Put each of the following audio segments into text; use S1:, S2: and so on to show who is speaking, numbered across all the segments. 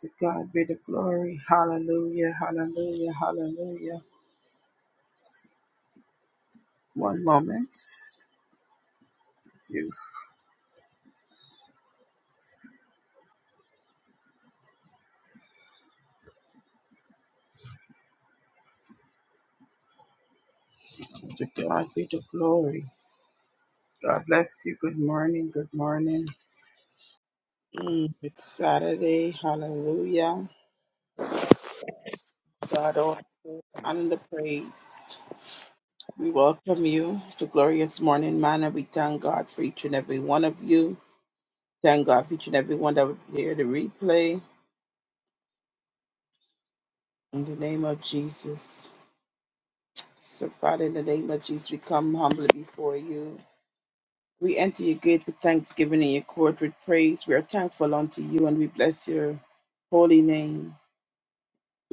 S1: To God be the glory. Hallelujah, hallelujah, hallelujah. One moment. You. To God be the glory. God bless you. Good morning, good morning. Mm, it's Saturday. Hallelujah. God, all the honor and the praise. We welcome you to Glorious Morning Manor. We thank God for each and every one of you. Thank God for each and every one that would hear the replay. In the name of Jesus. So, Father, in the name of Jesus, we come humbly before you. We enter your gate with thanksgiving and your court with praise. We are thankful unto you and we bless your holy name.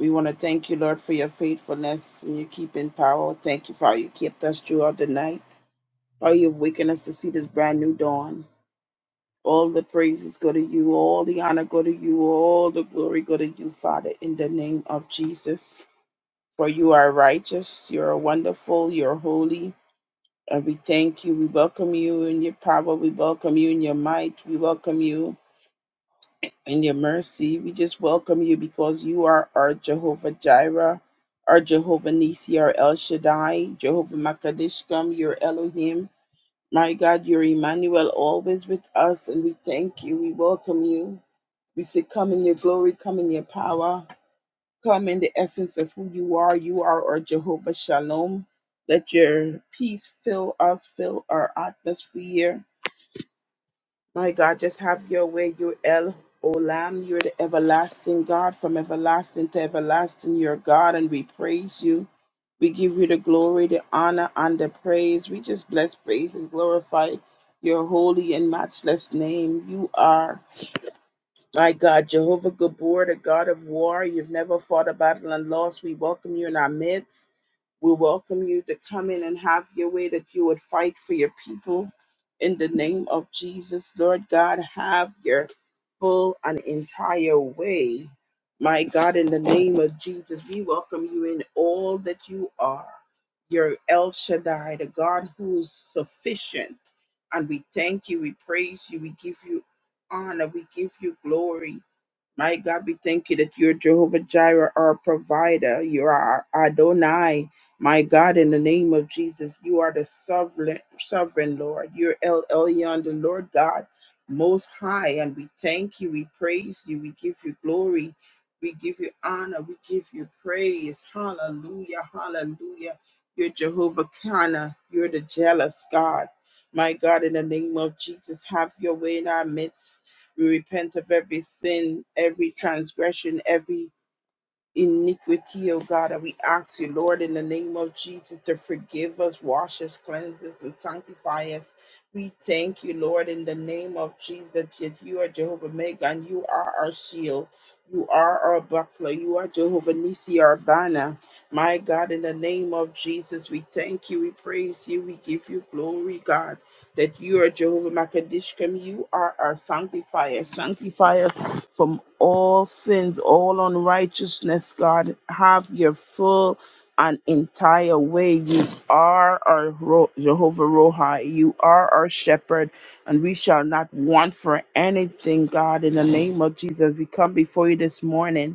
S1: We want to thank you, Lord, for your faithfulness and your keeping power. Thank you for how you kept us throughout the night, how you've wakened us to see this brand new dawn. All the praises go to you, all the honor go to you, all the glory go to you, Father, in the name of Jesus. For you are righteous, you are wonderful, you are holy, And we thank you. We welcome you in your power. We welcome you in your might. We welcome you in your mercy. We just welcome you because you are our Jehovah Jireh, our Jehovah Nisi, our El Shaddai, Jehovah Makadishkam, your Elohim. My God, you're Emmanuel, always with us. And we thank you. We welcome you. We say, Come in your glory, come in your power. Come in the essence of who you are. You are our Jehovah Shalom. Let your peace fill us, fill our atmosphere. My God, just have your way. You're El Olam. You're the everlasting God. From everlasting to everlasting, you're God, and we praise you. We give you the glory, the honor, and the praise. We just bless, praise, and glorify your holy and matchless name. You are. My God, Jehovah Gabor, the God of war, you've never fought a battle and lost. We welcome you in our midst. We welcome you to come in and have your way, that you would fight for your people in the name of Jesus. Lord God, have your full and entire way. My God, in the name of Jesus, we welcome you in all that you are. Your El Shaddai, the God who is sufficient. And we thank you, we praise you, we give you honor. We give you glory. My God, we thank you that you're Jehovah Jireh, our provider. You are our Adonai. My God, in the name of Jesus, you are the sovereign, sovereign Lord. You're El Elyon, the Lord God, most high. And we thank you. We praise you. We give you glory. We give you honor. We give you praise. Hallelujah. Hallelujah. You're Jehovah Kana. You're the jealous God. My God, in the name of Jesus, have your way in our midst. We repent of every sin, every transgression, every iniquity, oh God. And we ask you, Lord, in the name of Jesus, to forgive us, wash us, cleanse us, and sanctify us. We thank you, Lord, in the name of Jesus, that you are Jehovah Mega and you are our shield. You are our buckler. You are Jehovah Nisi, our banner. My God, in the name of Jesus, we thank you, we praise you, we give you glory, God, that you are Jehovah Makadishkim. You are our sanctifier. Sanctify us from all sins, all unrighteousness, God. Have your full and entire way. You are our Ro- Jehovah Rohi. You are our shepherd, and we shall not want for anything, God. In the name of Jesus, we come before you this morning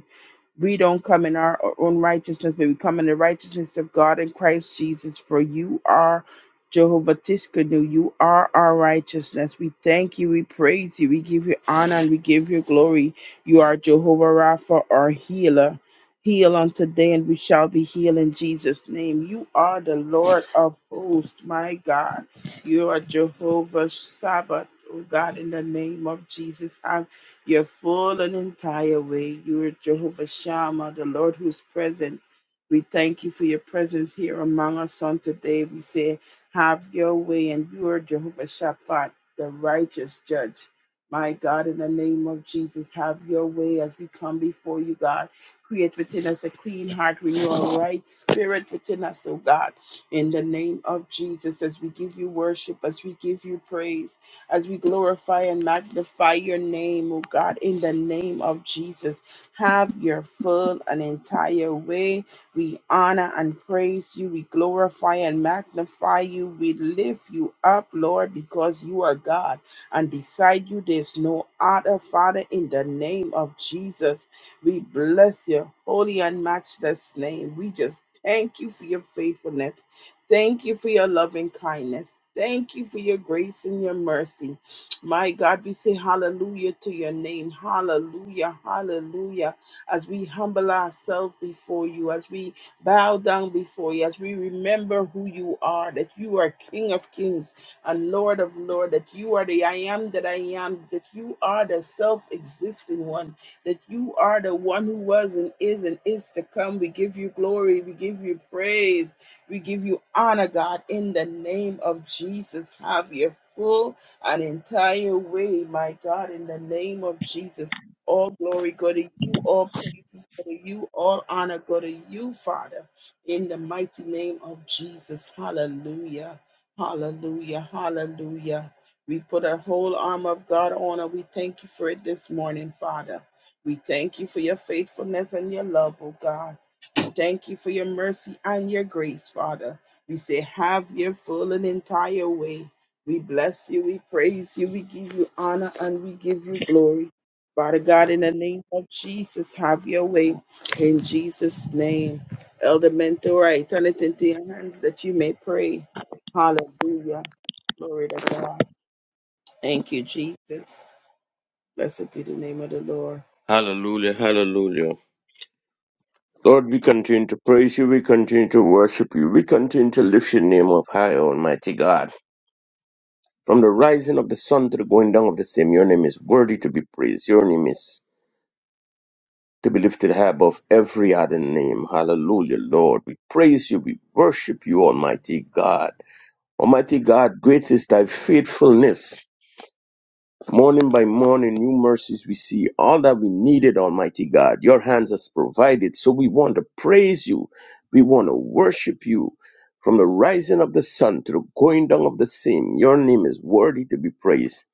S1: we don't come in our own righteousness, but we come in the righteousness of God in Christ Jesus. For you are Jehovah Tiskanu. You are our righteousness. We thank you. We praise you. We give you honor and we give you glory. You are Jehovah Rapha, our healer. Heal on today, and we shall be healed in Jesus' name. You are the Lord of hosts, my God. You are Jehovah Sabbath, oh God, in the name of Jesus. I your full and entire way. You are Jehovah Shammah, the Lord who's present. We thank you for your presence here among us on today. We say, have your way, and you are Jehovah Shaphat, the righteous judge. My God, in the name of Jesus, have your way as we come before you, God. Create within us a clean heart, renew a right spirit within us, oh God. In the name of Jesus, as we give you worship, as we give you praise as we glorify and magnify your name, oh God, in the name of Jesus. Have your full and entire way. We honor and praise you. We glorify and magnify you. We lift you up, Lord, because you are God. And beside you, there's no other, Father, in the name of Jesus. We bless your holy and matchless name. We just thank you for your faithfulness. Thank you for your loving kindness. Thank you for your grace and your mercy. My God, we say hallelujah to your name. Hallelujah. Hallelujah. As we humble ourselves before you, as we bow down before you, as we remember who you are, that you are King of kings and Lord of lords, that you are the I am that I am, that you are the self existing one, that you are the one who was and is and is to come. We give you glory. We give you praise. We give you honor, God, in the name of Jesus. Have your full and entire way, my God, in the name of Jesus. All glory go to you, all praises go to you, all honor go to you, Father, in the mighty name of Jesus. Hallelujah, hallelujah, hallelujah. We put a whole arm of God on and we thank you for it this morning, Father. We thank you for your faithfulness and your love, oh God. Thank you for your mercy and your grace, Father. We say, have your full and entire way. We bless you, we praise you, we give you honor, and we give you glory. Father God, in the name of Jesus, have your way. In Jesus' name. Elder Mentor, I turn it into your hands that you may pray. Hallelujah. Glory to God. Thank you, Jesus. Blessed be the name of the Lord.
S2: Hallelujah, hallelujah. Lord, we continue to praise you, we continue to worship you, we continue to lift your name up high, Almighty God. From the rising of the sun to the going down of the same, your name is worthy to be praised. Your name is to be lifted high above every other name. Hallelujah, Lord. We praise you, we worship you, Almighty God. Almighty God, great is thy faithfulness. Morning by morning, new mercies we see. All that we needed, Almighty God, your hands has provided. So we want to praise you. We want to worship you. From the rising of the sun to the going down of the same, your name is worthy to be praised.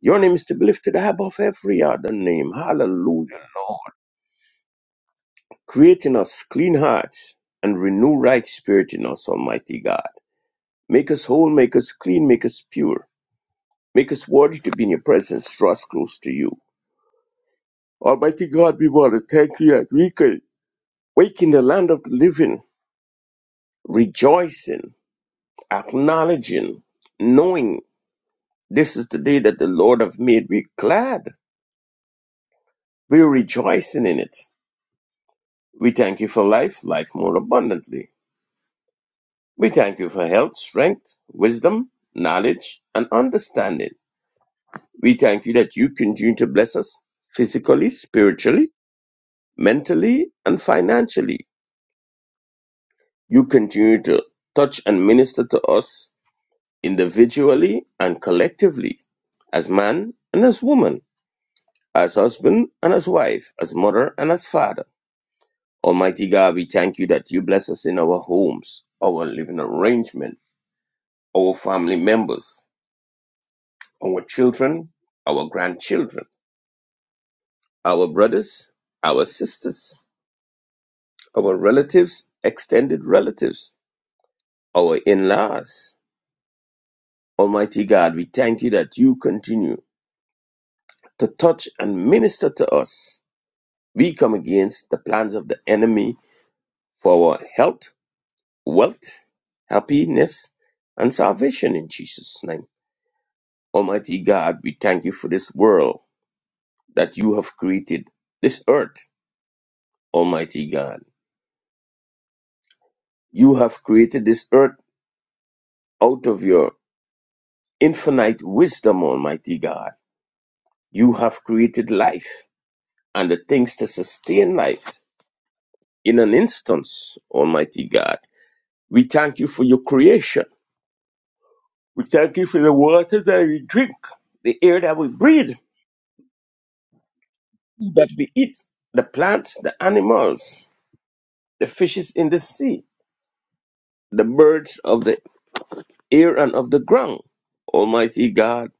S2: Your name is to be lifted above every other name. Hallelujah, Lord. Create in us clean hearts and renew right spirit in us, Almighty God. Make us whole, make us clean, make us pure. Make us worthy to be in your presence, draw us close to you. Almighty God, we want to thank you that we could wake in the land of the living, rejoicing, acknowledging, knowing this is the day that the Lord have made. We're glad. We're rejoicing in it. We thank you for life, life more abundantly. We thank you for health, strength, wisdom, knowledge, and understanding. We thank you that you continue to bless us physically, spiritually, mentally, and financially. You continue to touch and minister to us individually and collectively, as man and as woman, as husband and as wife, as mother and as father. Almighty God, we thank you that you bless us in our homes, our living arrangements, our family members, our children, our grandchildren, our brothers, our sisters, our relatives, extended relatives, our in laws. Almighty God, we thank you that you continue to touch and minister to us We come against the plans of the enemy for our health, wealth, happiness, and salvation in Jesus' name. Almighty God, we thank you for this world that you have created, this earth, Almighty God. You have created this earth out of your infinite wisdom, Almighty God. You have created life and the things to sustain life in an instance, Almighty God. We thank you for your creation We thank you for the water that we drink, the air that we breathe, that we eat, the plants, the animals, the fishes in the sea, the birds of the air and of the ground. Almighty God,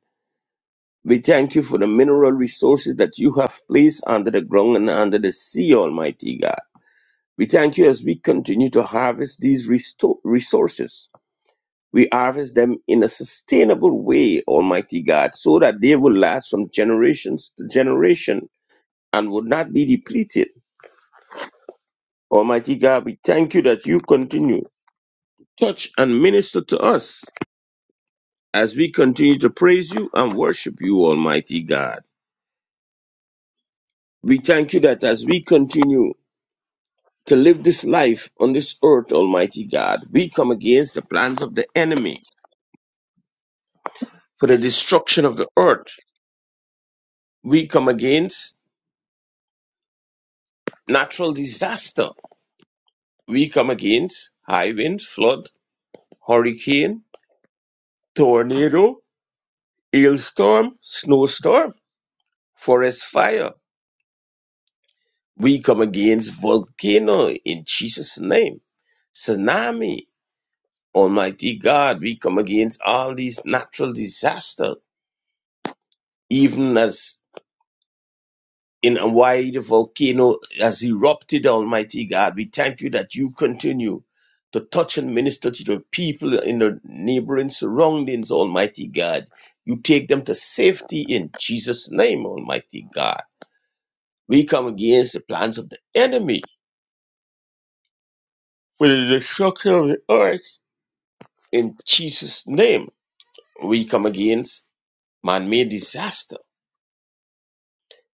S2: we thank you for the mineral resources that you have placed under the ground and under the sea, Almighty God. We thank you as we continue to harvest these resto- resources. We harvest them in a sustainable way, Almighty God, so that they will last from generations to generation and would not be depleted. Almighty God, we thank you that you continue to touch and minister to us as we continue to praise you and worship you, Almighty God. We thank you that as we continue to live this life on this earth, Almighty God, we come against the plans of the enemy for the destruction of the earth. We come against natural disaster. We come against high wind, flood, hurricane, tornado, hailstorm, snowstorm forest fire. We come against volcano in Jesus' name. Tsunami, Almighty God, we come against all these natural disasters, even as in Hawaii the volcano has erupted, Almighty God. We thank you that you continue to touch and minister to the people in the neighboring surroundings, Almighty God. You take them to safety in Jesus' name, Almighty God. We come against the plans of the enemy With the destruction of the earth. In Jesus' name, we come against man-made disaster,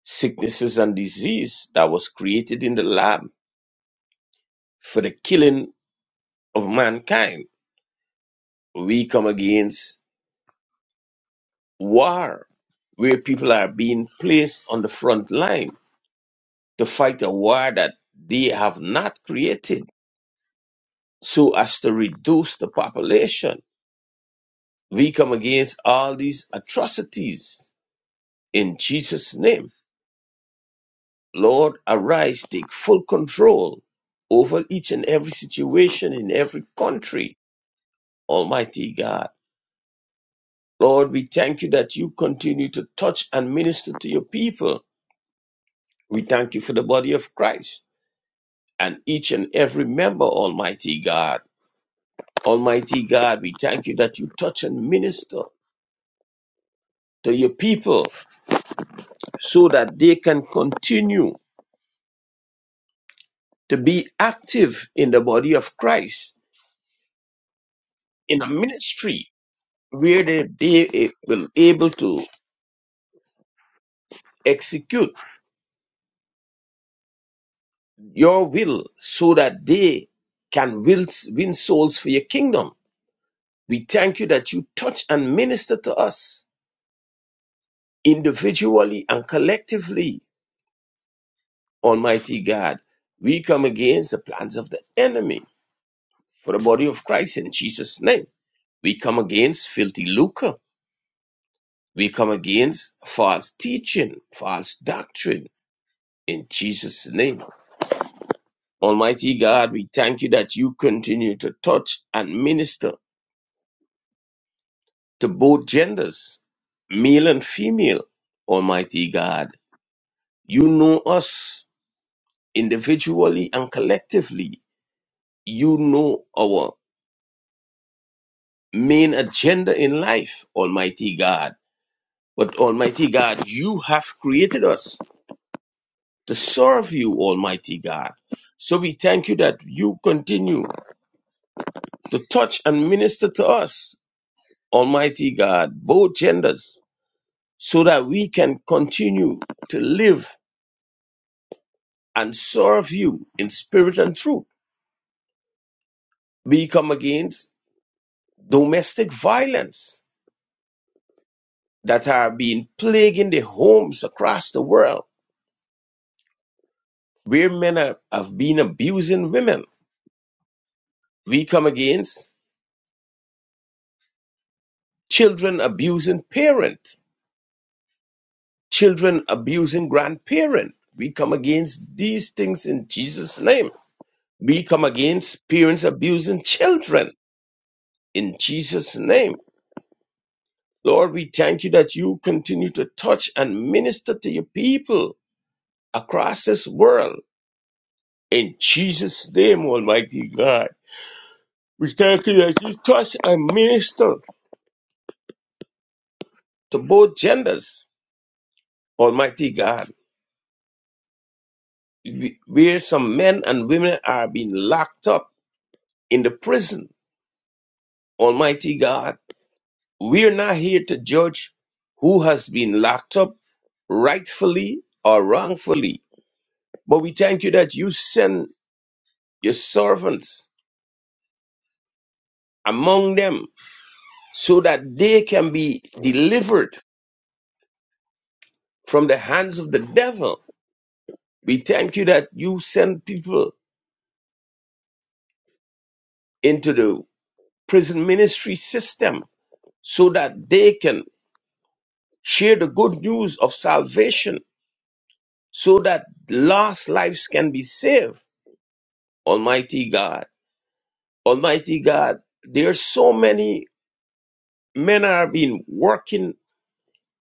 S2: sicknesses and disease that was created in the lab for the killing of mankind. We come against war, where people are being placed on the front line to fight a war that they have not created so as to reduce the population. We come against all these atrocities in Jesus' name Lord, arise, take full control over each and every situation in every country, Almighty God. Lord, we thank you that you continue to touch and minister to your people. We thank you for the body of Christ and each and every member, Almighty God. Almighty God, we thank you that you touch and minister to your people so that they can continue to be active in the body of Christ, in the ministry really they they will able to execute your will so that they can will, win souls for your kingdom. We thank you that you touch and minister to us individually and collectively, Almighty God. We come against the plans of the enemy for the body of Christ in Jesus' name. We come against filthy lucre. We come against false teaching, false doctrine in Jesus' name. Almighty God, we thank you that you continue to touch and minister to both genders, male and female. Almighty God, you know us individually and collectively. You know our main agenda in life, Almighty God. But Almighty God, you have created us to serve you, Almighty God. So we thank you that you continue to touch and minister to us, Almighty God, both genders so that we can continue to live and serve you in spirit and truth. We come against domestic violence that are being plaguing the homes across the world where men are, have been abusing women. We come against children abusing parent, children abusing grandparent. We come against these things in Jesus' name. We come against parents abusing children in Jesus' name Lord, we thank you that you continue to touch and minister to your people across this world. In Jesus' name, Almighty God. We thank you that you touch and minister to both genders, Almighty God. We- Where some men and women are being locked up in the prison, Almighty God. We are not here to judge who has been locked up rightfully or wrongfully. But we thank you that you send your servants among them so that they can be delivered from the hands of the devil. We thank you that you send people into the prison ministry system so that they can share the good news of salvation so that lost lives can be saved. Almighty God, Almighty God, there are so many men are being working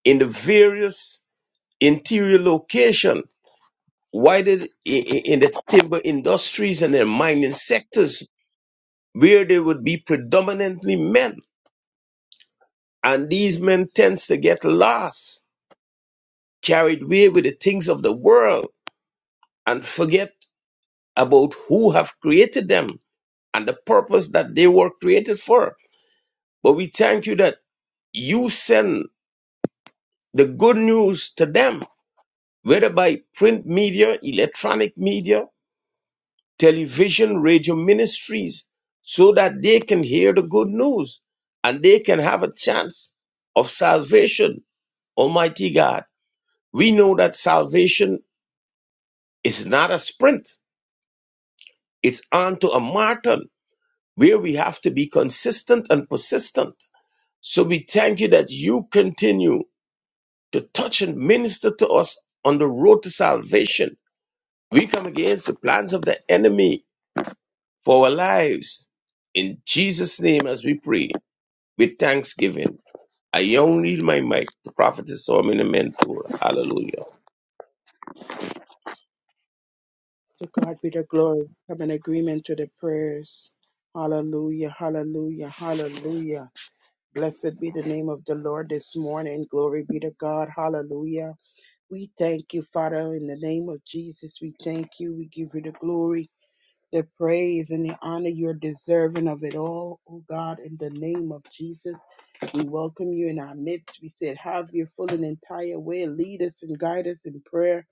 S2: in the various interior location Why did i- i- in the timber industries and the mining sectors where they would be predominantly men, and these men tends to get lost, carried away with the things of the world, and forget about who have created them and the purpose that they were created for. But we thank you that you send the good news to them, whether by print media, electronic media, television, radio ministries so that they can hear the good news and they can have a chance of salvation. Almighty God, we know that salvation is not a sprint, it's onto a marathon where we have to be consistent and persistent. So we thank you that you continue to touch and minister to us on the road to salvation. We come against the plans of the enemy for our lives. In Jesus' name, as we pray. with thanksgiving. I yield my mic to prophetess so many men hallelujah.
S1: To God be the glory. Come in agreement to the prayers. Hallelujah, hallelujah, hallelujah. Blessed be the name of the Lord this morning. Glory be to God. Hallelujah. We thank you, Father, in the name of Jesus. We thank you. We give you the glory the praise and the honor you're deserving of it all, oh God, in the name of Jesus. We welcome you in our midst. We said, Have your full and entire way. Lead us and guide us in prayer.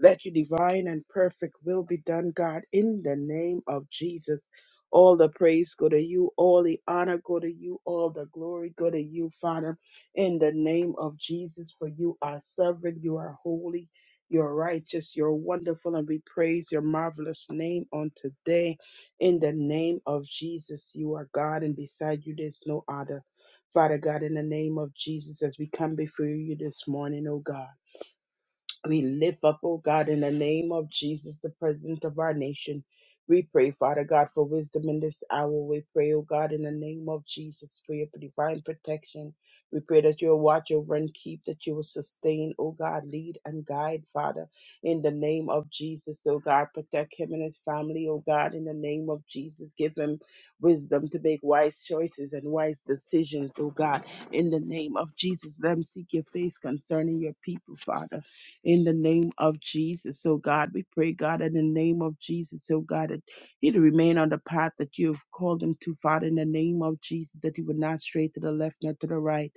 S1: Let your divine and perfect will be done, God, in the name of Jesus. All the praise go to you, all the honor go to you, all the glory go to you, Father, in the name of Jesus. For you are sovereign, you are holy, you're righteous, you're wonderful, and we praise your marvelous name on today. In the name of Jesus, you are God, and beside you there's no other. Father God, in the name of Jesus, as we come before you this morning, oh God. We lift up, oh God, in the name of Jesus, the President of our nation. We pray, Father God, for wisdom in this hour. We pray, oh God, in the name of Jesus, for your divine protection. We pray that you will watch over and keep, that you will sustain, oh God, lead and guide, Father, in the name of Jesus, oh God. Protect him and his family, oh God, in the name of Jesus. Give him wisdom to make wise choices and wise decisions, oh God, in the name of Jesus. Let him seek your face concerning your people, Father in the name of Jesus. So, God, we pray, God, in the name of Jesus, so God, that he'd remain on the path that you have called him to, Father, in the name of Jesus, that he would not stray to the left nor to the right,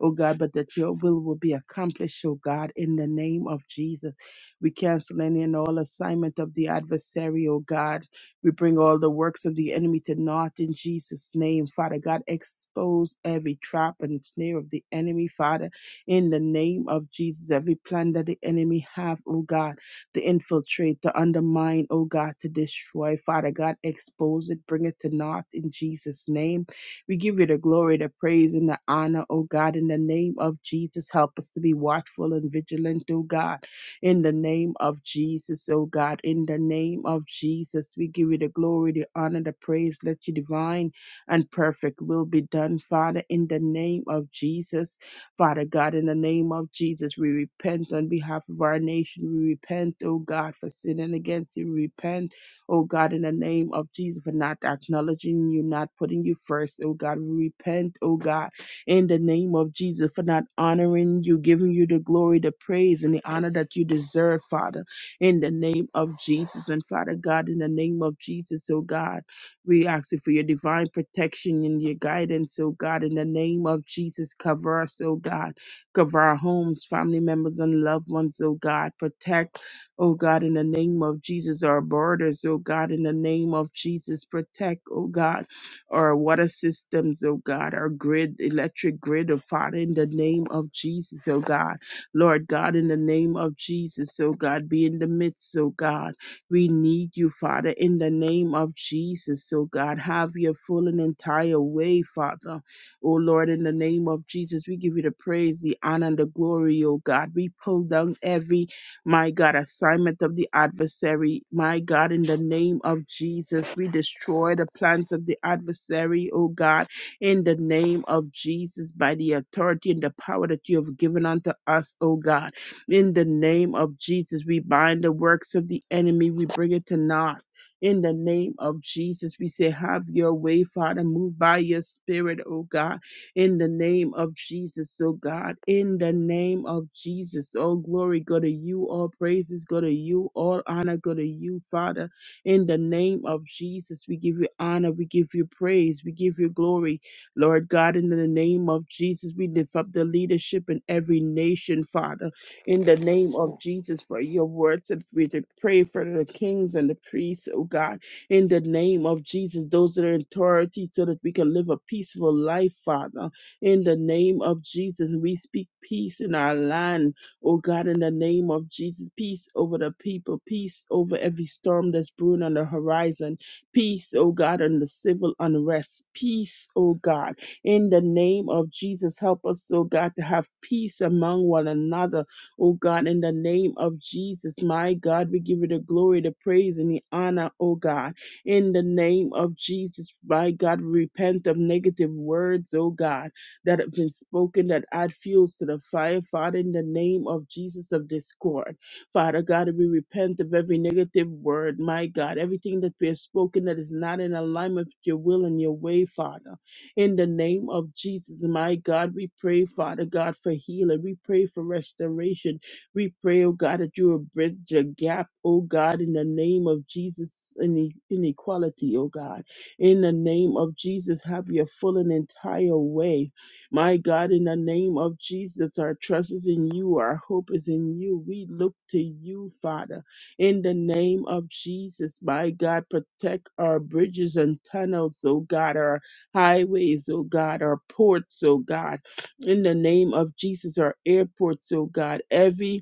S1: oh God, but that your will will be accomplished, oh God, in the name of Jesus. We cancel any and all assignment of the adversary, oh God. We bring all the works of the enemy to naught in Jesus' name, Father God. Expose every trap and snare of the enemy, Father in the name of Jesus. Every plan that the enemy have, oh God, to infiltrate, to undermine, oh God, to destroy, Father God, expose it, bring it to naught in Jesus' name. We give you the glory, the praise, and the honor, oh God, in the name of Jesus. Help us to be watchful and vigilant, oh God, in the name of Jesus, oh God, in the name of Jesus. We give you the glory, the honor, the praise. Let your divine and perfect will be done, Father, in the name of Jesus. Father God, in the name of Jesus, we repent on behalf of our nation. We repent, oh God, for sinning against you. We repent, oh God, in the name of Jesus, for not acknowledging you, not putting you first, oh God. We repent, oh God, in the name of Jesus, for not honoring you, giving you the glory, the praise, and the honor that you deserve, Father, in the name of Jesus. And Father God, in the name of Jesus, oh God. We ask you for your divine protection and your guidance, oh God, in the name of Jesus. Cover us, oh God. Cover our homes, family members, and loved ones, oh God. Protect, oh God, in the name of Jesus, our borders, oh God, in the name of Jesus. Protect, oh God, our water systems, oh God, our grid, electric grid, oh Father, in the name of Jesus, oh God. Lord God, in the name of Jesus, oh God, be in the midst, oh God. We need you, Father, in the name of Jesus. So, God, have your full and entire way, Father. Oh, Lord, in the name of Jesus, we give you the praise, the honor, and the glory, oh, God. We pull down every, my God, assignment of the adversary. My God, in the name of Jesus, we destroy the plans of the adversary, oh, God, in the name of Jesus, by the authority and the power that you have given unto us, oh, God. In the name of Jesus, we bind the works of the enemy, we bring it to naught. In the name of Jesus, we say, Have your way, Father. Move by your spirit, oh God. In the name of Jesus, oh God. In the name of Jesus, all glory go to you. All praises go to you. All honor go to you, Father. In the name of Jesus, we give you honor. We give you praise. We give you glory. Lord God, in the name of Jesus, we lift up the leadership in every nation, Father in the name of Jesus for your words that we to pray for the kings and the priests, oh God, in the name of Jesus, those that are in authority so that we can live a peaceful life, Father. In the name of Jesus, we speak peace in our land, oh God, in the name of Jesus, peace over the people, peace over every storm that's brewing on the horizon, peace, oh God, on the civil unrest, peace, oh God, in the name of Jesus, help us, oh God, to have peace among one another Oh God, in the name of Jesus, my God, we give you the glory, the praise, and the honor, oh God. In the name of Jesus, my God, we repent of negative words, oh God, that have been spoken that add fuels to the fire, Father, in the name of Jesus of discord. Father God, we repent of every negative word, my God, everything that we have spoken that is not in alignment with your will and your way, Father. In the name of Jesus, my God, we pray, Father God, for healing. We pray for restoration. We pray, oh God, that you will bridge the gap, oh God, in the name of Jesus, in inequality, oh God. In the name of Jesus, have your full and entire way. My God, in the name of Jesus, our trust is in you, our hope is in you. We look to you, Father. In the name of Jesus, my God, protect our bridges and tunnels, oh God, our highways, oh God, our ports, oh God, in the name of Jesus, our airports, oh God, every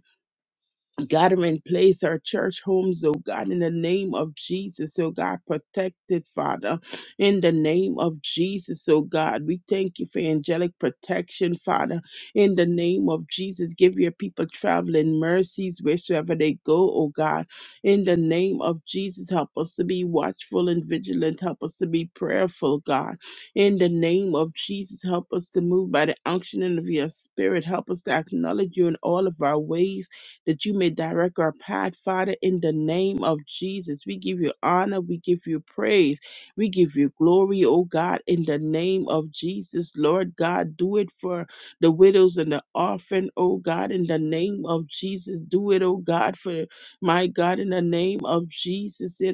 S1: God, them in place, our church homes, oh God, in the name of Jesus, oh God, protect it, Father, in the name of Jesus, oh God. We thank you for angelic protection, Father, in the name of Jesus. Give your people traveling mercies wheresoever they go, oh God, in the name of Jesus. Help us to be watchful and vigilant, help us to be prayerful, God, in the name of Jesus. Help us to move by the unction of your spirit, help us to acknowledge you in all of our ways that you may direct our path, Father, in the name of Jesus. We give you honor, we give you praise, we give you glory, oh God, in the name of Jesus. Lord God, do it for the widows and the orphan, oh God, in the name of Jesus. Do it, oh God, for my God, in the name of Jesus. The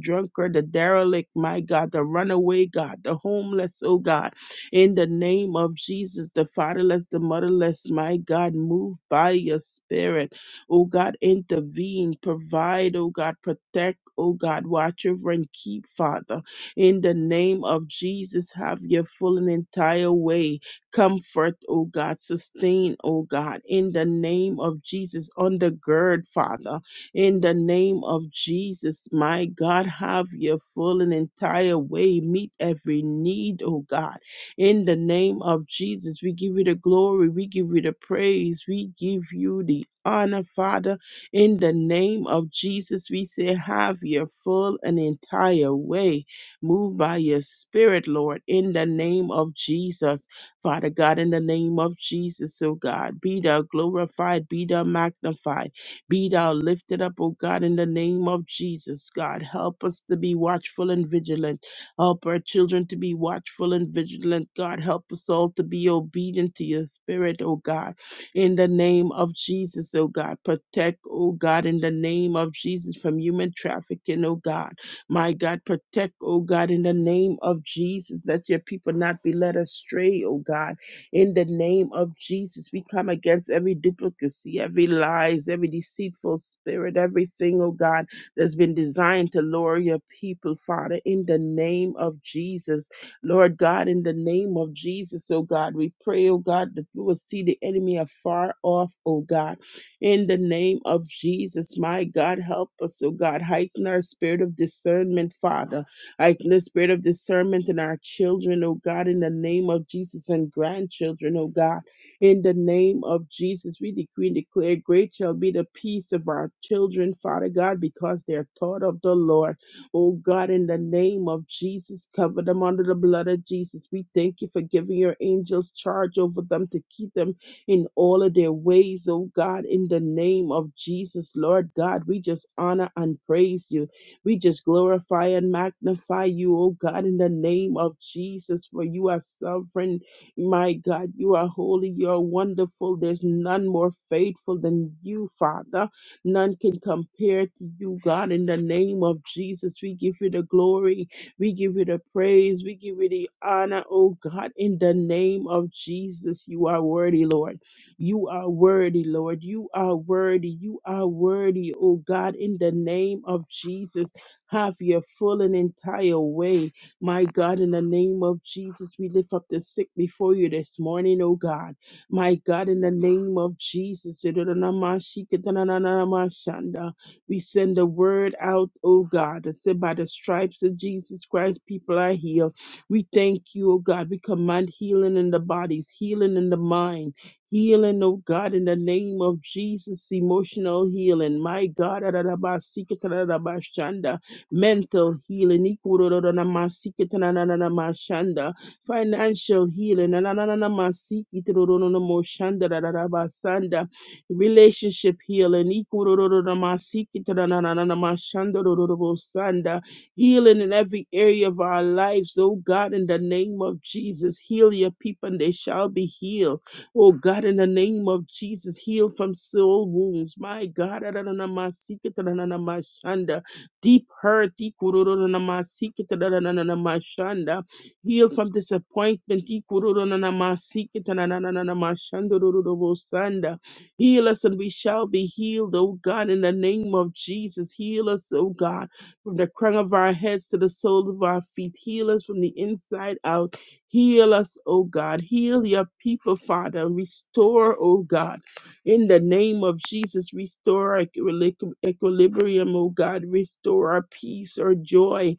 S1: drunkard, the derelict, my God, the runaway, God, the homeless, oh God in the name of Jesus, the fatherless, the motherless, my God, move by your spirit. Oh God, intervene, provide, oh God, protect, oh God, watch over and keep, Father. In the name of Jesus, have your full and entire way. Comfort, oh God, sustain, oh God. In the name of Jesus, undergird, Father. In the name of Jesus, my God, have your full and entire way. Meet every need, oh God in the name of Jesus, we give you the glory, we give you the praise, we give you the honor, Father. In the name of Jesus, we say, have your full and entire way. Move by your spirit, Lord, in the name of Jesus. Father God, in the name of Jesus, oh God, be thou glorified, be thou magnified, be thou lifted up, oh God, in the name of Jesus, God. Help us to be watchful and vigilant. Help our children to be watchful and vigilant, God. Help us all to be obedient to your spirit, oh God. In the name of Jesus, oh God. Protect, oh God, in the name of Jesus from human trafficking, oh God. My God, protect, oh God, in the name of Jesus. Let your people not be led astray, oh God. In the name of Jesus, we come against every duplicacy, every lies, every deceitful spirit, everything, oh God that's been designed to lure your people, Father, in the name of Jesus. Lord God, in the name of Jesus, oh God, we pray, oh God, that we will see the enemy afar off, oh God. In the name of Jesus, my God, help us, oh God. Heighten our spirit of discernment, Father. Heighten the spirit of discernment in our children, oh God, in the name of Jesus and grandchildren, oh God in the name of Jesus, we decree and declare, Great shall be the peace of our children, Father God, because they are taught of the Lord. Oh God, in the name of Jesus, cover them under the blood of Jesus. We thank you for giving your angels charge over them to keep them in all of their ways, oh God, in the name of Jesus, Lord God. We just honor and praise you. We just glorify and magnify you, oh God, in the name of Jesus, for you are sovereign. My God, you are holy. You are wonderful. There's none more faithful than you, Father. None can compare to you, God. In the name of Jesus, we give you the glory. We give you the praise. We give you the honor, oh God. In the name of Jesus, you are worthy, Lord. You are worthy, Lord. You are worthy. You are worthy, oh God. In the name of Jesus, have your full and entire way. My God, in the name of Jesus, we lift up the sick before you this morning, oh God. My God, in the name of Jesus, we send the word out, oh God, that said, by the stripes of Jesus Christ, people are healed. We thank you, oh God. We command healing in the bodies, healing in the mind. Healing, oh God, in the name of Jesus, emotional healing. My God, mental healing, ikurorororamasikitanaranamashanda, financial healing, nanananamasikitororororomoshandarararabasanda, relationship healing, ikurororororamasikitanarananamashandorororobosanda, healing in every area of our lives, oh God, in the name of Jesus. Heal your people and they shall be healed. Oh God, in the name of Jesus, heal from soul wounds. My God, Adonai, my secret, Adonai, my shanda deep hurt. ikurururunamasikitanananamashanda. Heal from disappointment. ikurururunamasikitananananamashandorororobosanda. Heal us and we shall be healed, O God, in the name of Jesus. Heal us, O God, from the crown of our heads to the sole of our feet. Heal us from the inside out. Heal us, O God. Heal your people, Father. Restore, O God. In the name of Jesus, restore our equili- equilibrium, O God. Restore our peace, our joy.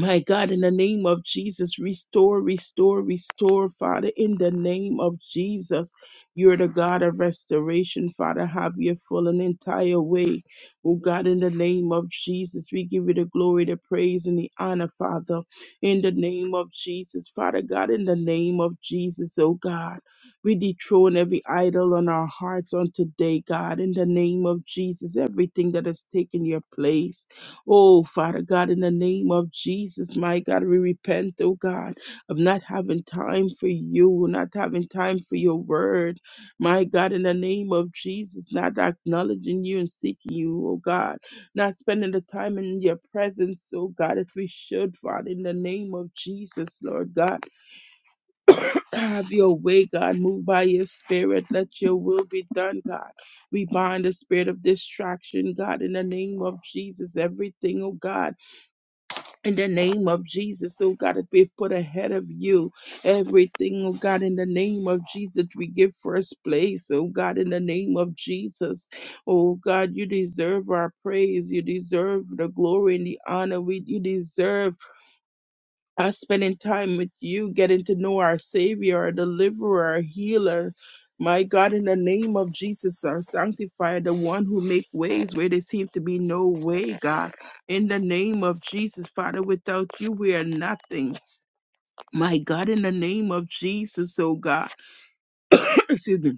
S1: My God, in the name of Jesus, restore, restore, restore, Father, in the name of Jesus. You're the God of restoration, Father. Have your full and entire way. Oh God, in the name of Jesus, we give you the glory, the praise, and the honor, Father. In the name of Jesus, Father God, in the name of Jesus, oh God. We dethrone every idol on our hearts on today, God. In the name of Jesus, everything that has taken your place. Oh, Father God, in the name of Jesus, my God, we repent, oh God, of not having time for you, not having time for your word. My God, in the name of Jesus, not acknowledging you and seeking you, oh God, not spending the time in your presence, oh God, if we should, Father, in the name of Jesus, Lord God. Have your way, God. Move by your spirit. Let your will be done, God. We bind the spirit of distraction, God, in the name of Jesus. Everything, oh God in the name of Jesus, oh God, that we've put ahead of you everything, oh God, in the name of Jesus, we give first place, oh God, in the name of Jesus, oh God, you deserve our praise, you deserve the glory and the honor, we, you deserve us spending time with you, getting to know our Savior, our Deliverer, our Healer. My God, in the name of Jesus, our sanctifier, the one who make ways where there seem to be no way, God. In the name of Jesus, Father, without you, we are nothing. My God, in the name of Jesus, oh God. Excuse me.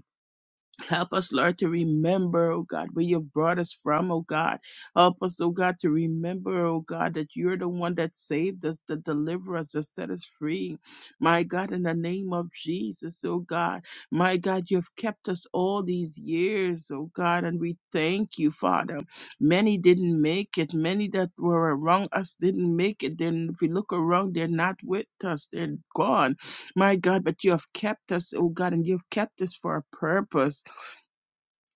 S1: Help us, Lord, to remember, oh God, where you've brought us from, oh God. Help us, oh God, to remember, oh God, that you're the one that saved us, that delivered us, that set us free. My God, in the name of Jesus, oh God. My God, you've kept us all these years, oh God, and we thank you, Father. Many didn't make it. Many that were around us didn't make it. Then if we look around, they're not with us. They're gone. My God, but you have kept us, oh God, and you've kept us for a purpose.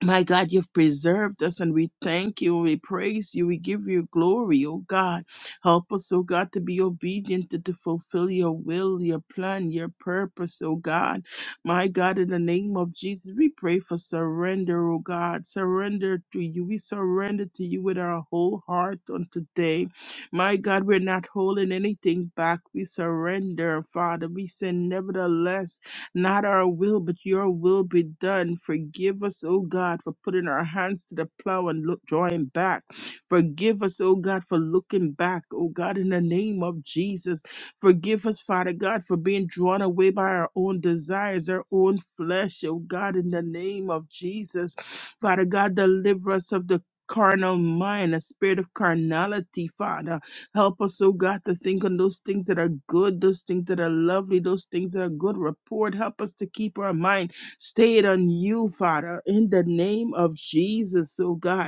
S1: My God, you've preserved us and we thank you, we praise you, we give you glory, oh God. Help us, oh God, to be obedient to, to fulfill your will, your plan, your purpose, oh God. My God, in the name of Jesus, we pray for surrender, oh God. Surrender to you. We surrender to you with our whole heart on today. My God, we're not holding anything back. We surrender, Father. We say, nevertheless. Not our will, but your will be done. Forgive us, O God, for putting our hands to the plow and look, drawing back. Forgive us, O God, for looking back, O God, in the name of Jesus. Forgive us, Father God, for being drawn away by our own desires, our own flesh, O God, in the name of Jesus. Father God, deliver us of the carnal mind, a spirit of carnality, Father. Help us, oh God, to think on those things that are good, those things that are lovely, those things that are good report. Help us to keep our mind stayed on you, Father, in the name of Jesus, oh God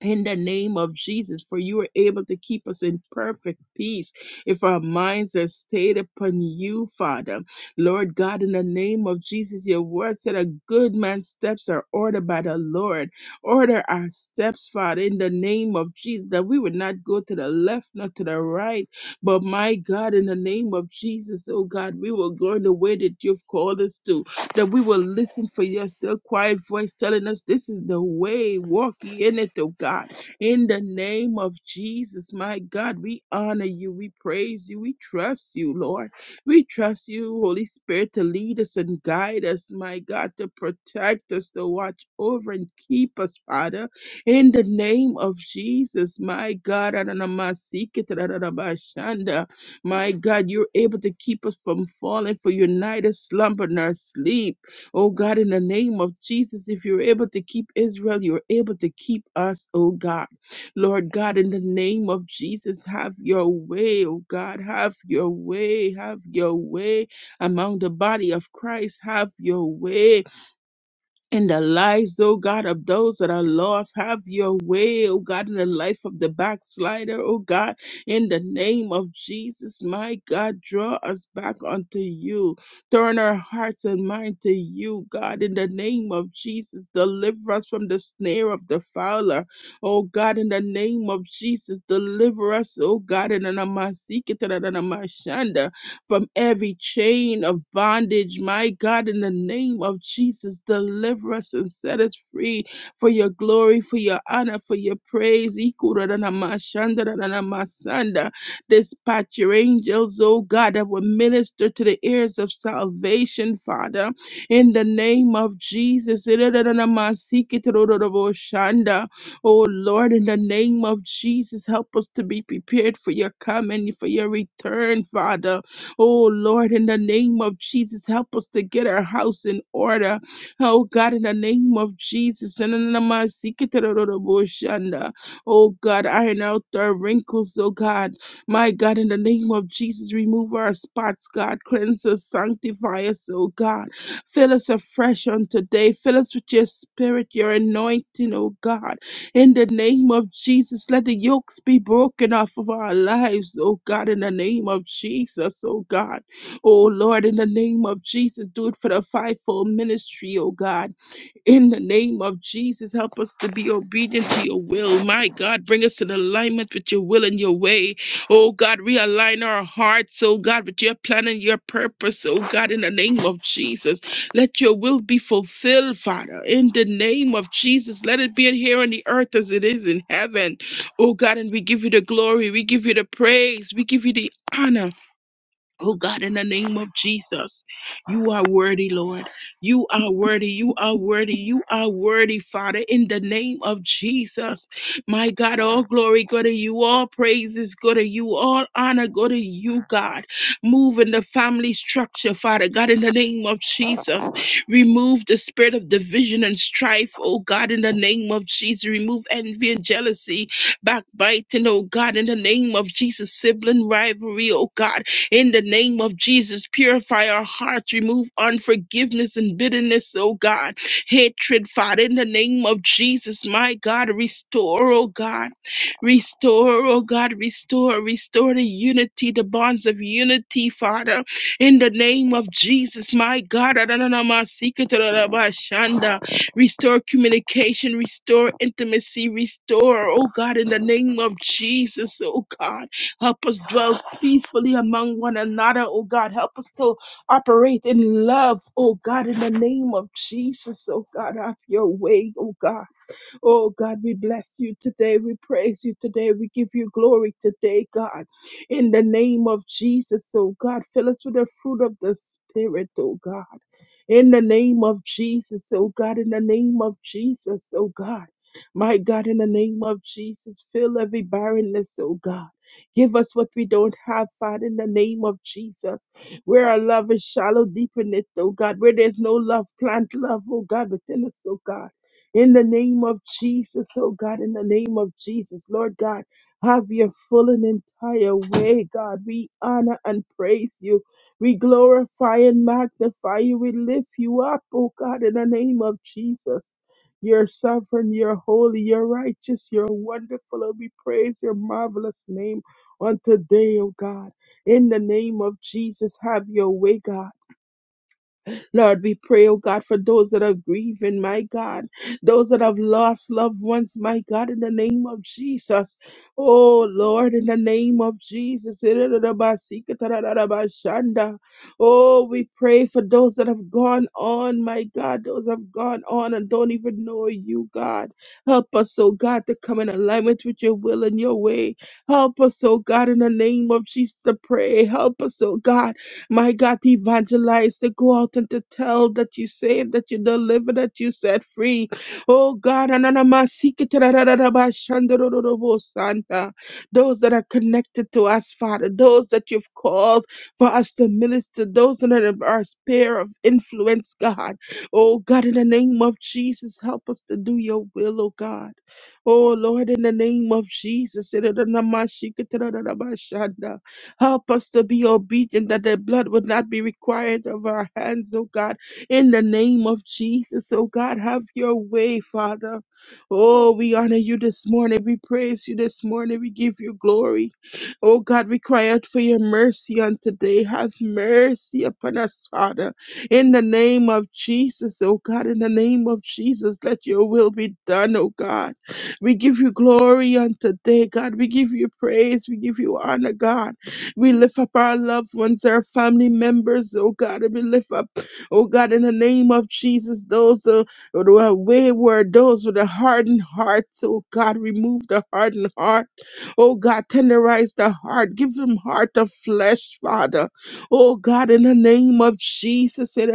S1: in the name of Jesus, for you are able to keep us in perfect peace if our minds are stayed upon you, Father. Lord God, in the name of Jesus, your word said a good man's steps are ordered by the Lord. Order our steps, Father, in the name of Jesus, that we would not go to the left nor to the right, but my God, in the name of Jesus, oh God, we will go in the way that you've called us to that we will listen for your still quiet voice telling us this is the way, walk ye in it, oh God. In the name of Jesus, my God, we honor you, we praise you, we trust you, Lord. We trust you, Holy Spirit, to lead us and guide us, my God, to protect us, to watch over and keep us, Father. In the name of Jesus, my God, Adonamasikita, my God, you're able to keep us from falling, for you're neither slumber nor sleep. Oh God, in the name of Jesus, if you're able to keep Israel, you're able to keep us, oh God. Lord God, in the name of Jesus, have your way, oh God, have your way, have your way among the body of Christ, have your way in the lives, oh God, of those that are lost. Have your way, oh God, in the life of the backslider, oh God, in the name of Jesus, my God, draw us back unto you. Turn our hearts and mind to you, God, in the name of Jesus. Deliver us from the snare of the fowler, oh God, in the name of Jesus. Deliver us, oh God, in the name of Jesus from every chain of bondage. My God, in the name of Jesus, deliver us and set us free for your glory, for your honor, for your praise. Dispatch your angels, oh God, that will minister to the ears of salvation, Father. In the name of Jesus. Iradanamasiketorororoboshanda. Oh Lord, in the name of Jesus, help us to be prepared for your coming, for your return, Father. Oh Lord, in the name of Jesus, help us to get our house in order. Oh God, in the name of Jesus. Ananamasikiterorobosanda. Oh God, iron out our wrinkles, oh God. My God, in the name of Jesus, remove our spots, God. Cleanse us, sanctify us, oh God. Fill us afresh on today. Fill us with your spirit, your anointing, oh God. In the name of Jesus, let the yokes be broken off of our lives, oh God, in the name of Jesus, oh God. Oh Lord, in the name of Jesus, do it for the fivefold ministry, oh God. In the name of Jesus, help us to be obedient to your will. My God, bring us in alignment with your will and your way. Oh God, realign our hearts, oh God, with your plan and your purpose. Oh God, in the name of Jesus, let your will be fulfilled, Father. In the name of Jesus, let it be in here on the earth as it is in heaven. Oh God, and we give you the glory, we give you the praise, we give you the honor. Oh God, in the name of Jesus, you are worthy, Lord. You are worthy. You are worthy. You are worthy, Father, in the name of Jesus. My God, all glory go to you. All praises go to you. All honor go to you, God. Move in the family structure, Father God, in the name of Jesus. Remove the spirit of division and strife, oh God, in the name of Jesus. Remove envy and jealousy, backbiting, oh God, in the name of Jesus. Sibling rivalry, oh God in the name of Jesus, purify our hearts, remove unforgiveness and bitterness, oh God, hatred, Father. In the name of Jesus, my God, restore, oh God, restore, oh God, restore, restore the unity, the bonds of unity, Father. In the name of Jesus, my God, restore communication, restore intimacy, restore, oh God, in the name of Jesus, oh God. Help us dwell peacefully among one another, oh God. Help us to operate in love, oh God, in the name of Jesus, oh God. Have your way, oh God. Oh God, we bless you today. We praise you today. We give you glory today, God. In the name of Jesus, oh God, fill us with the fruit of the Spirit, oh God. In the name of Jesus, oh God, in the name of Jesus, oh God. My God, in the name of Jesus, fill every barrenness, oh God. Give us what we don't have, Father, in the name of Jesus. Where our love is shallow, deepen it, oh God. Where there's no love, plant love, oh God, within us, oh God in the name of Jesus, oh God, in the name of Jesus, Lord God. Have your full and entire way, God. We honor and praise you. We glorify and magnify you. We lift you up, oh God, in the name of Jesus. You're sovereign, you're holy, you're righteous, you're wonderful, and we praise your marvelous name on today, oh God. In the name of Jesus, have your way, God. Lord, we pray, oh God, for those that are grieving, my God, those that have lost loved ones, my God, in the name of Jesus. Oh Lord, in the name of Jesus. Oh, we pray for those that have gone on, my God, those that have gone on and don't even know you, God. Help us, oh God, to come in alignment with your will and your way. Help us, oh God, in the name of Jesus to pray. Help us, oh God. My God, to evangelize, to go out and to tell that you saved, that you delivered, that you set free. Oh God, ananamasiketerarararabashandorororobosanta. those that are connected to us, Father, those that you've called for us to minister, those that are our sphere of influence, God. Oh God, in the name of Jesus, help us to do your will, oh God. Oh Lord, in the name of Jesus. Ananamashikitaradarabashanda. Help us to be obedient that the blood would not be required of our hands, oh God. In the name of Jesus, oh God, have your way, Father. Oh, we honor you this morning. We praise you this morning. We give you glory. Oh God, we cry out for your mercy on today. Have mercy upon us, Father. In the name of Jesus, oh God, in the name of Jesus, let your will be done, oh God. We give you glory on today, God. We give you praise. We give you honor, God. We lift up our loved ones, our family members, oh God, and we lift up, oh God, in the name of Jesus, those uh, who are wayward, those with a hardened heart, oh God, remove the hardened heart, oh God, tenderize the heart, give them heart of flesh, Father, oh God, in the name of Jesus, turn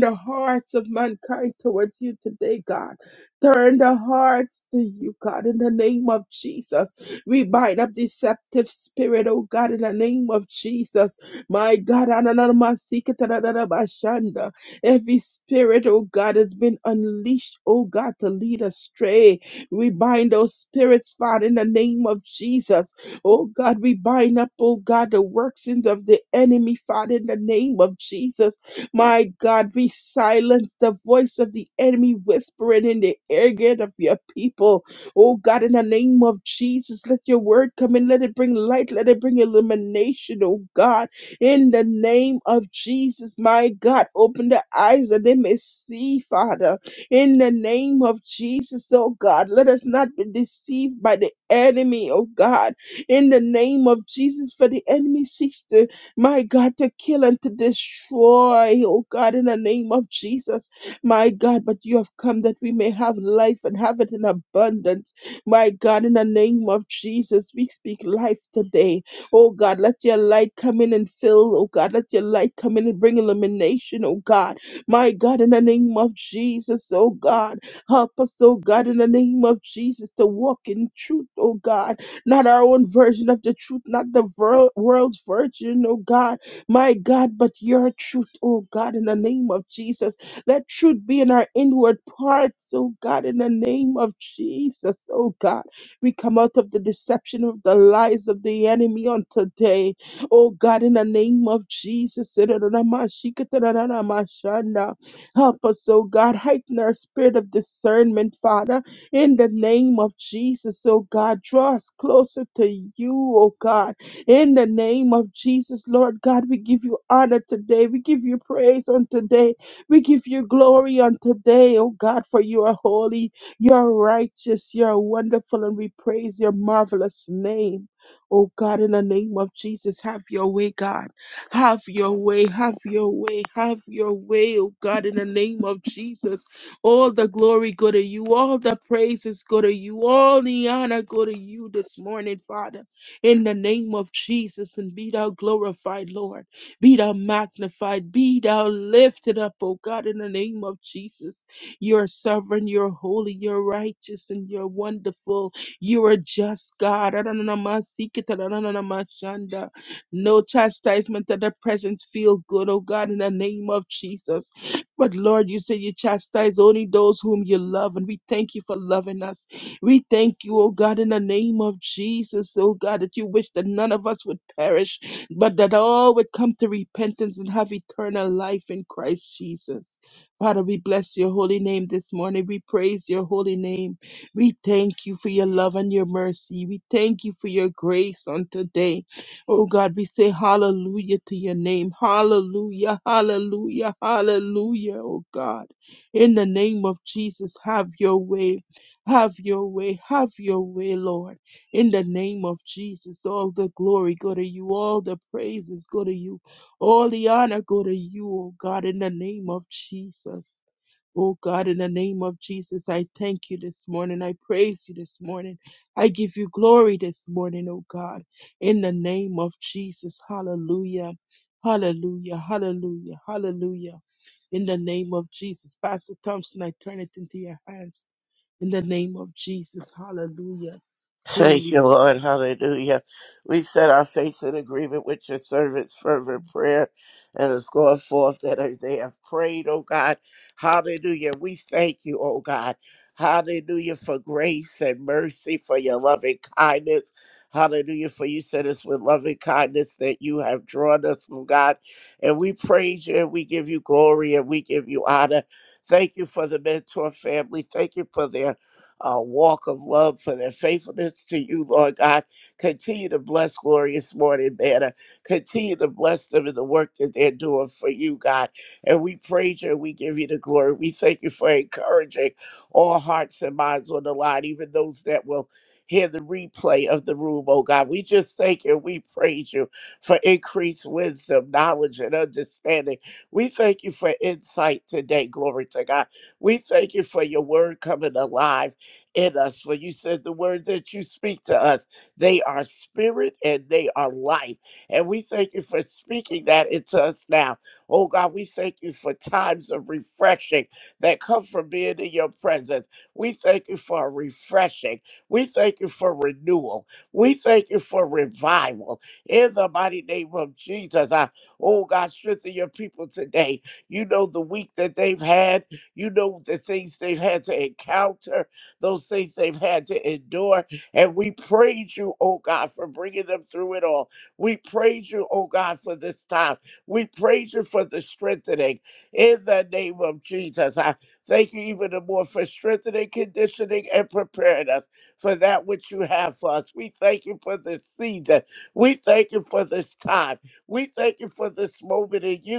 S1: the hearts of mankind towards you today, God. Turn the hearts to you, God, in the name of Jesus. We bind up deceptive spirit, oh God, in the name of Jesus. My God, ananamasikatadadadabashanda. every spirit, oh God, has been unleashed, oh God, to lead astray. We bind those spirits, Father, in the name of Jesus. Oh God, we bind up, oh God, the workings of the enemy, Father, in the name of Jesus. My God, we silence the voice of the enemy whispering in the ear gate of your people. Oh God, in the name of Jesus, let your word come in. Let it bring light. Let it bring illumination, oh God. In the name of Jesus, my God, open their eyes that they may see, Father. In the name of Jesus, oh God, let us not be deceived by the enemy, oh God. In the name of Jesus, for the enemy seeks to, my God, to kill and to destroy, oh God, in the name of Jesus my God, but you have come that we may have life and have it in abundance. My God, in the name of Jesus, we speak life today. Oh God, let your light come in and fill. Oh God, let your light come in and bring illumination. Oh God, my God, in the name of Jesus, oh God, help us, oh God, in the name of Jesus to walk in truth, oh God, not our own version of the truth, not the ver- world's version, oh God, my God, but your truth, oh God, in the name of Jesus. Let truth be in our inward parts, oh God, in the name of Jesus, oh God. We come out of the deception of the lies of the enemy on today, oh God, in the name of Jesus. Help us, oh God, heighten our spirit of discernment, Father, in the name of Jesus, oh God. Draw us closer to you, oh God. In the name of Jesus, Lord God, we give you honor today. We give you praise on today. We give you glory on today, oh God, for you are holy, you are righteous, you are wonderful, and we praise your marvelous name. Oh God, in the name of Jesus, have your way, God. Have your way, have your way, have your way, oh God, in the name of Jesus. All the glory go to you, all the praises go to you, all the honor go to you this morning, Father, in the name of Jesus, and be thou glorified, Lord. Be thou magnified, be thou lifted up, O God, in the name of Jesus. You are sovereign, you're holy, you're righteous, and you're wonderful. You are just God. Adonanamasikitarananamashanda. No chastisement of the presence feel good, O God, in the name of Jesus. But Lord, you say you chastise only those whom you love, and we thank you for loving us. We thank you, O God, in the name of Jesus, O God, that you wish that none of us would perish, but that all would come to repentance and have eternal life in Christ Jesus. Father, we bless your holy name this morning. We praise your holy name. We thank you for your love and your mercy. We thank you for your grace on today. Oh God, we say hallelujah to your name. Hallelujah, hallelujah, hallelujah, oh God. In the name of Jesus, have your way. Have your way, have your way, Lord in the name of Jesus. All the glory go to you. All the praises go to you. All the honor go to you, oh God, in the name of Jesus. Oh God, in the name of Jesus, I thank you this morning. I praise you this morning. I give you glory this morning, oh God, in the name of Jesus. Hallelujah. Hallelujah. Hallelujah. Hallelujah. In the name of Jesus. Pastor Thompson, I turn it into your hands. In the name of Jesus. Hallelujah.
S3: Thank
S1: Glory
S3: you, Lord. Hallelujah. We set our faith in agreement with your servants' fervent prayer and it's going forth that as they have prayed, oh God. Hallelujah. We thank you, oh God. Hallelujah for grace and mercy, for your loving kindness. Hallelujah for you said us with loving kindness that you have drawn us, oh God. And we praise you and we give you glory and we give you honor. Thank you for the mentor family. Thank you for their uh, walk of love for their faithfulness to you, Lord God. Continue to bless Glorious Morning Banner. Continue to bless them in the work that they're doing for you, God. And we praise you and we give you the glory. We thank you for encouraging all hearts and minds on the line, even those that will hear the replay of the room, oh God. We just thank you. and We praise you for increased wisdom, knowledge, and understanding. We thank you for insight today. Glory to God. We thank you for your word coming alive in us. For you said the words that you speak to us, they are spirit and they are life. And we thank you for speaking that into us now. Oh God, we thank you for times of refreshing that come from being in your presence. We thank you for a refreshing. We thank you for renewal. We thank you for revival. In the mighty name of Jesus, I, oh God, strengthen your people today. You know the week that they've had. You know the things they've had to encounter those things they've had to endure. And we praise you, oh God, for bringing them through it all. We praise you, oh God, for this time. We praise you for the strengthening in the name of Jesus. I thank you even the more for strengthening, conditioning, and preparing us for that which you have for us. We thank you for this season. We thank you for this time. We thank you for this moment in you.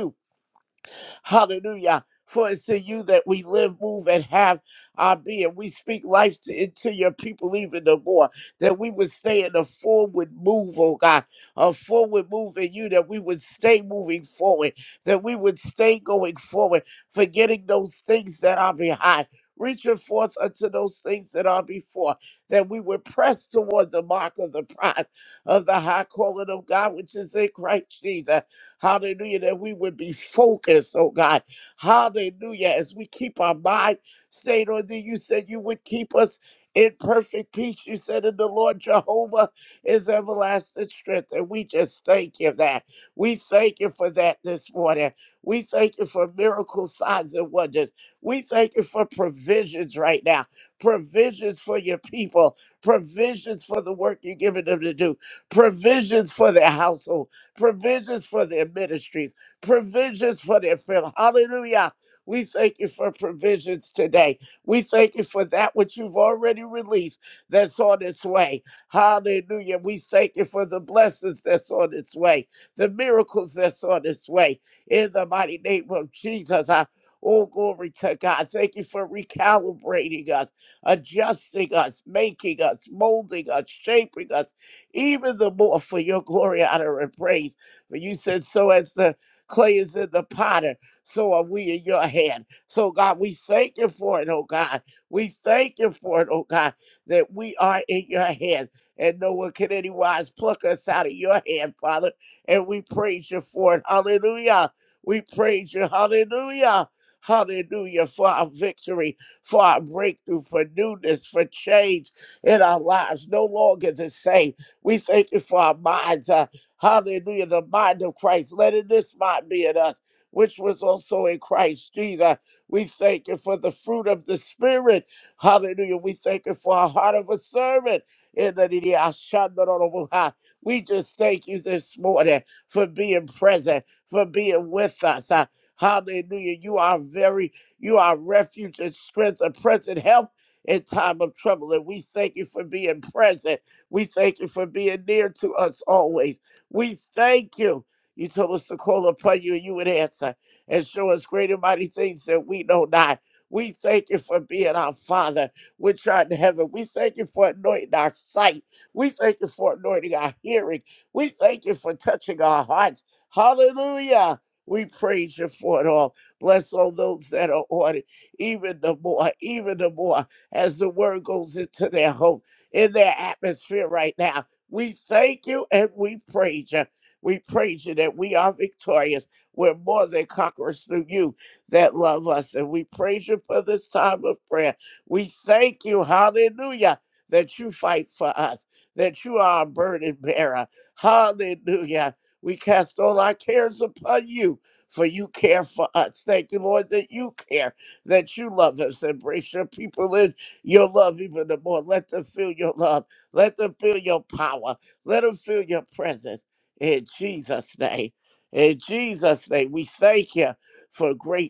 S3: Hallelujah. For it's to you that we live, move, and have our being. We speak life to, into your people even the more, that we would stay in a forward move, oh God, a forward move in you, that we would stay moving forward, that we would stay going forward, forgetting those things that are behind. Reaching forth unto those things that are before, that we would press toward the mark of the prize of the high calling of God, which is in Christ Jesus. Hallelujah. That we would be focused, oh God. Hallelujah. As we keep our mind stayed on thee, you said you would keep us in perfect peace. You said in the Lord Jehovah is everlasting strength. And we just thank you for that. We thank you for that this morning. We thank you for miracle signs and wonders. We thank you for provisions right now. Provisions for your people. Provisions for the work you're giving them to do. Provisions for their household provisions for their ministries, provisions for their family. Hallelujah. We thank you for provisions today. We thank you for that which you've already released that's on its way. Hallelujah. We thank you for the blessings that's on its way, the miracles that's on its way. In the mighty name of Jesus, I all glory to God. Thank you for recalibrating us, adjusting us, making us, molding us, shaping us even the more for your glory, honor, and praise. For you said, so as the clay is in the potter, so are we in your hand. So, God, we thank you for it, oh God. We thank you for it, oh God, that we are in your hand. And no one can anywise pluck us out of your hand, Father. And we praise you for it. Hallelujah. We praise you. Hallelujah. Hallelujah for our victory, for our breakthrough, for newness, for change in our lives. No longer the same. We thank you for our minds. Uh, hallelujah. The mind of Christ. Let it this mind be in us, which was also in Christ Jesus. We thank you for the fruit of the Spirit. Hallelujah. We thank you for our heart of a servant. In the name of Yahshua. We just thank you this morning for being present, for being with us. Uh, hallelujah. You are very, you are refuge and strength, a present help in time of trouble. And we thank you for being present. We thank you for being near to us always. We thank you. You told us to call upon you and you would answer and show us great and mighty things that we know not. We thank you for being our Father, which art in heaven. We thank you for anointing our sight. We thank you for anointing our hearing. We thank you for touching our hearts. Hallelujah. We praise you for it all. Bless all those that are on it, even the more, even the more as the word goes into their home in their atmosphere right now. We thank you and we praise you. We praise you that we are victorious. We're more than conquerors through you that love us. And we praise you for this time of prayer. We thank you, hallelujah, that you fight for us, that you are a burden bearer. Hallelujah. We cast all our cares upon you, for you care for us. Thank you, Lord, that you care, that you love us. Embrace your people in your love even the more. Let them feel your love. Let them feel your power. Let them feel your presence. In Jesus' name. In Jesus' name, we thank you for great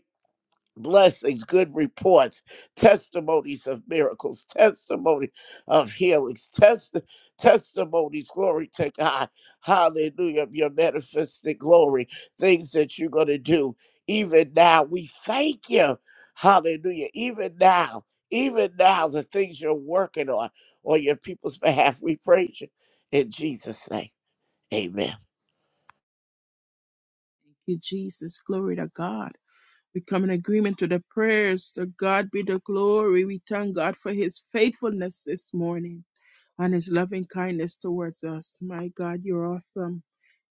S3: blessings, good reports, testimonies of miracles, testimony of healings, test, testimonies, glory to God, hallelujah, of your manifested glory, things that you're going to do. Even now, we thank you, hallelujah, even now, even now, the things you're working on on your people's behalf, we praise you in Jesus' name. Amen.
S1: you, Jesus. Glory to God. We come in agreement to the prayers. To God be the glory. We thank God for his faithfulness this morning and his loving kindness towards us. My God, you're awesome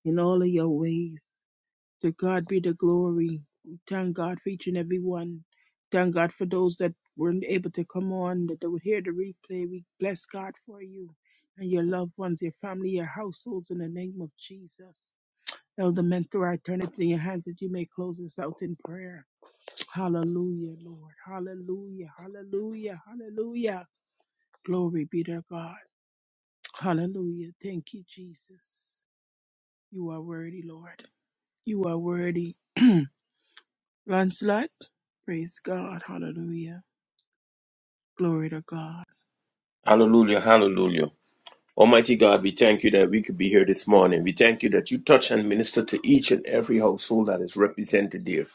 S1: in all of your ways. To God be the glory. We thank God for each and every one. Thank God for those that weren't able to come on, that they would hear the replay. We bless God for you and your loved ones, your family, your households in the name of Jesus. Elder Mentor, I turn it to your hands that you may close us out in prayer. Hallelujah, Lord. Hallelujah, hallelujah, hallelujah. Glory be to God. Hallelujah. Thank you, Jesus. You are worthy, Lord. You are worthy. Lancelot, praise God. Hallelujah. Glory to God.
S2: Hallelujah, hallelujah. Almighty God, we thank you that we could be here this morning. We thank you that you touch and minister to each and every household that is represented here.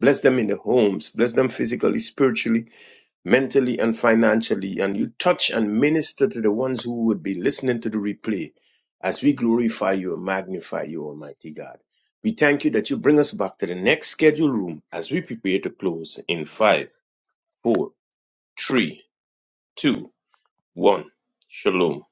S2: Bless them in their homes, bless them physically, spiritually, mentally and financially, and you touch and minister to the ones who would be listening to the replay as we glorify you and magnify you, Almighty God. We thank you that you bring us back to the next scheduled room as we prepare to close in five, four, three, two, one. Shalom.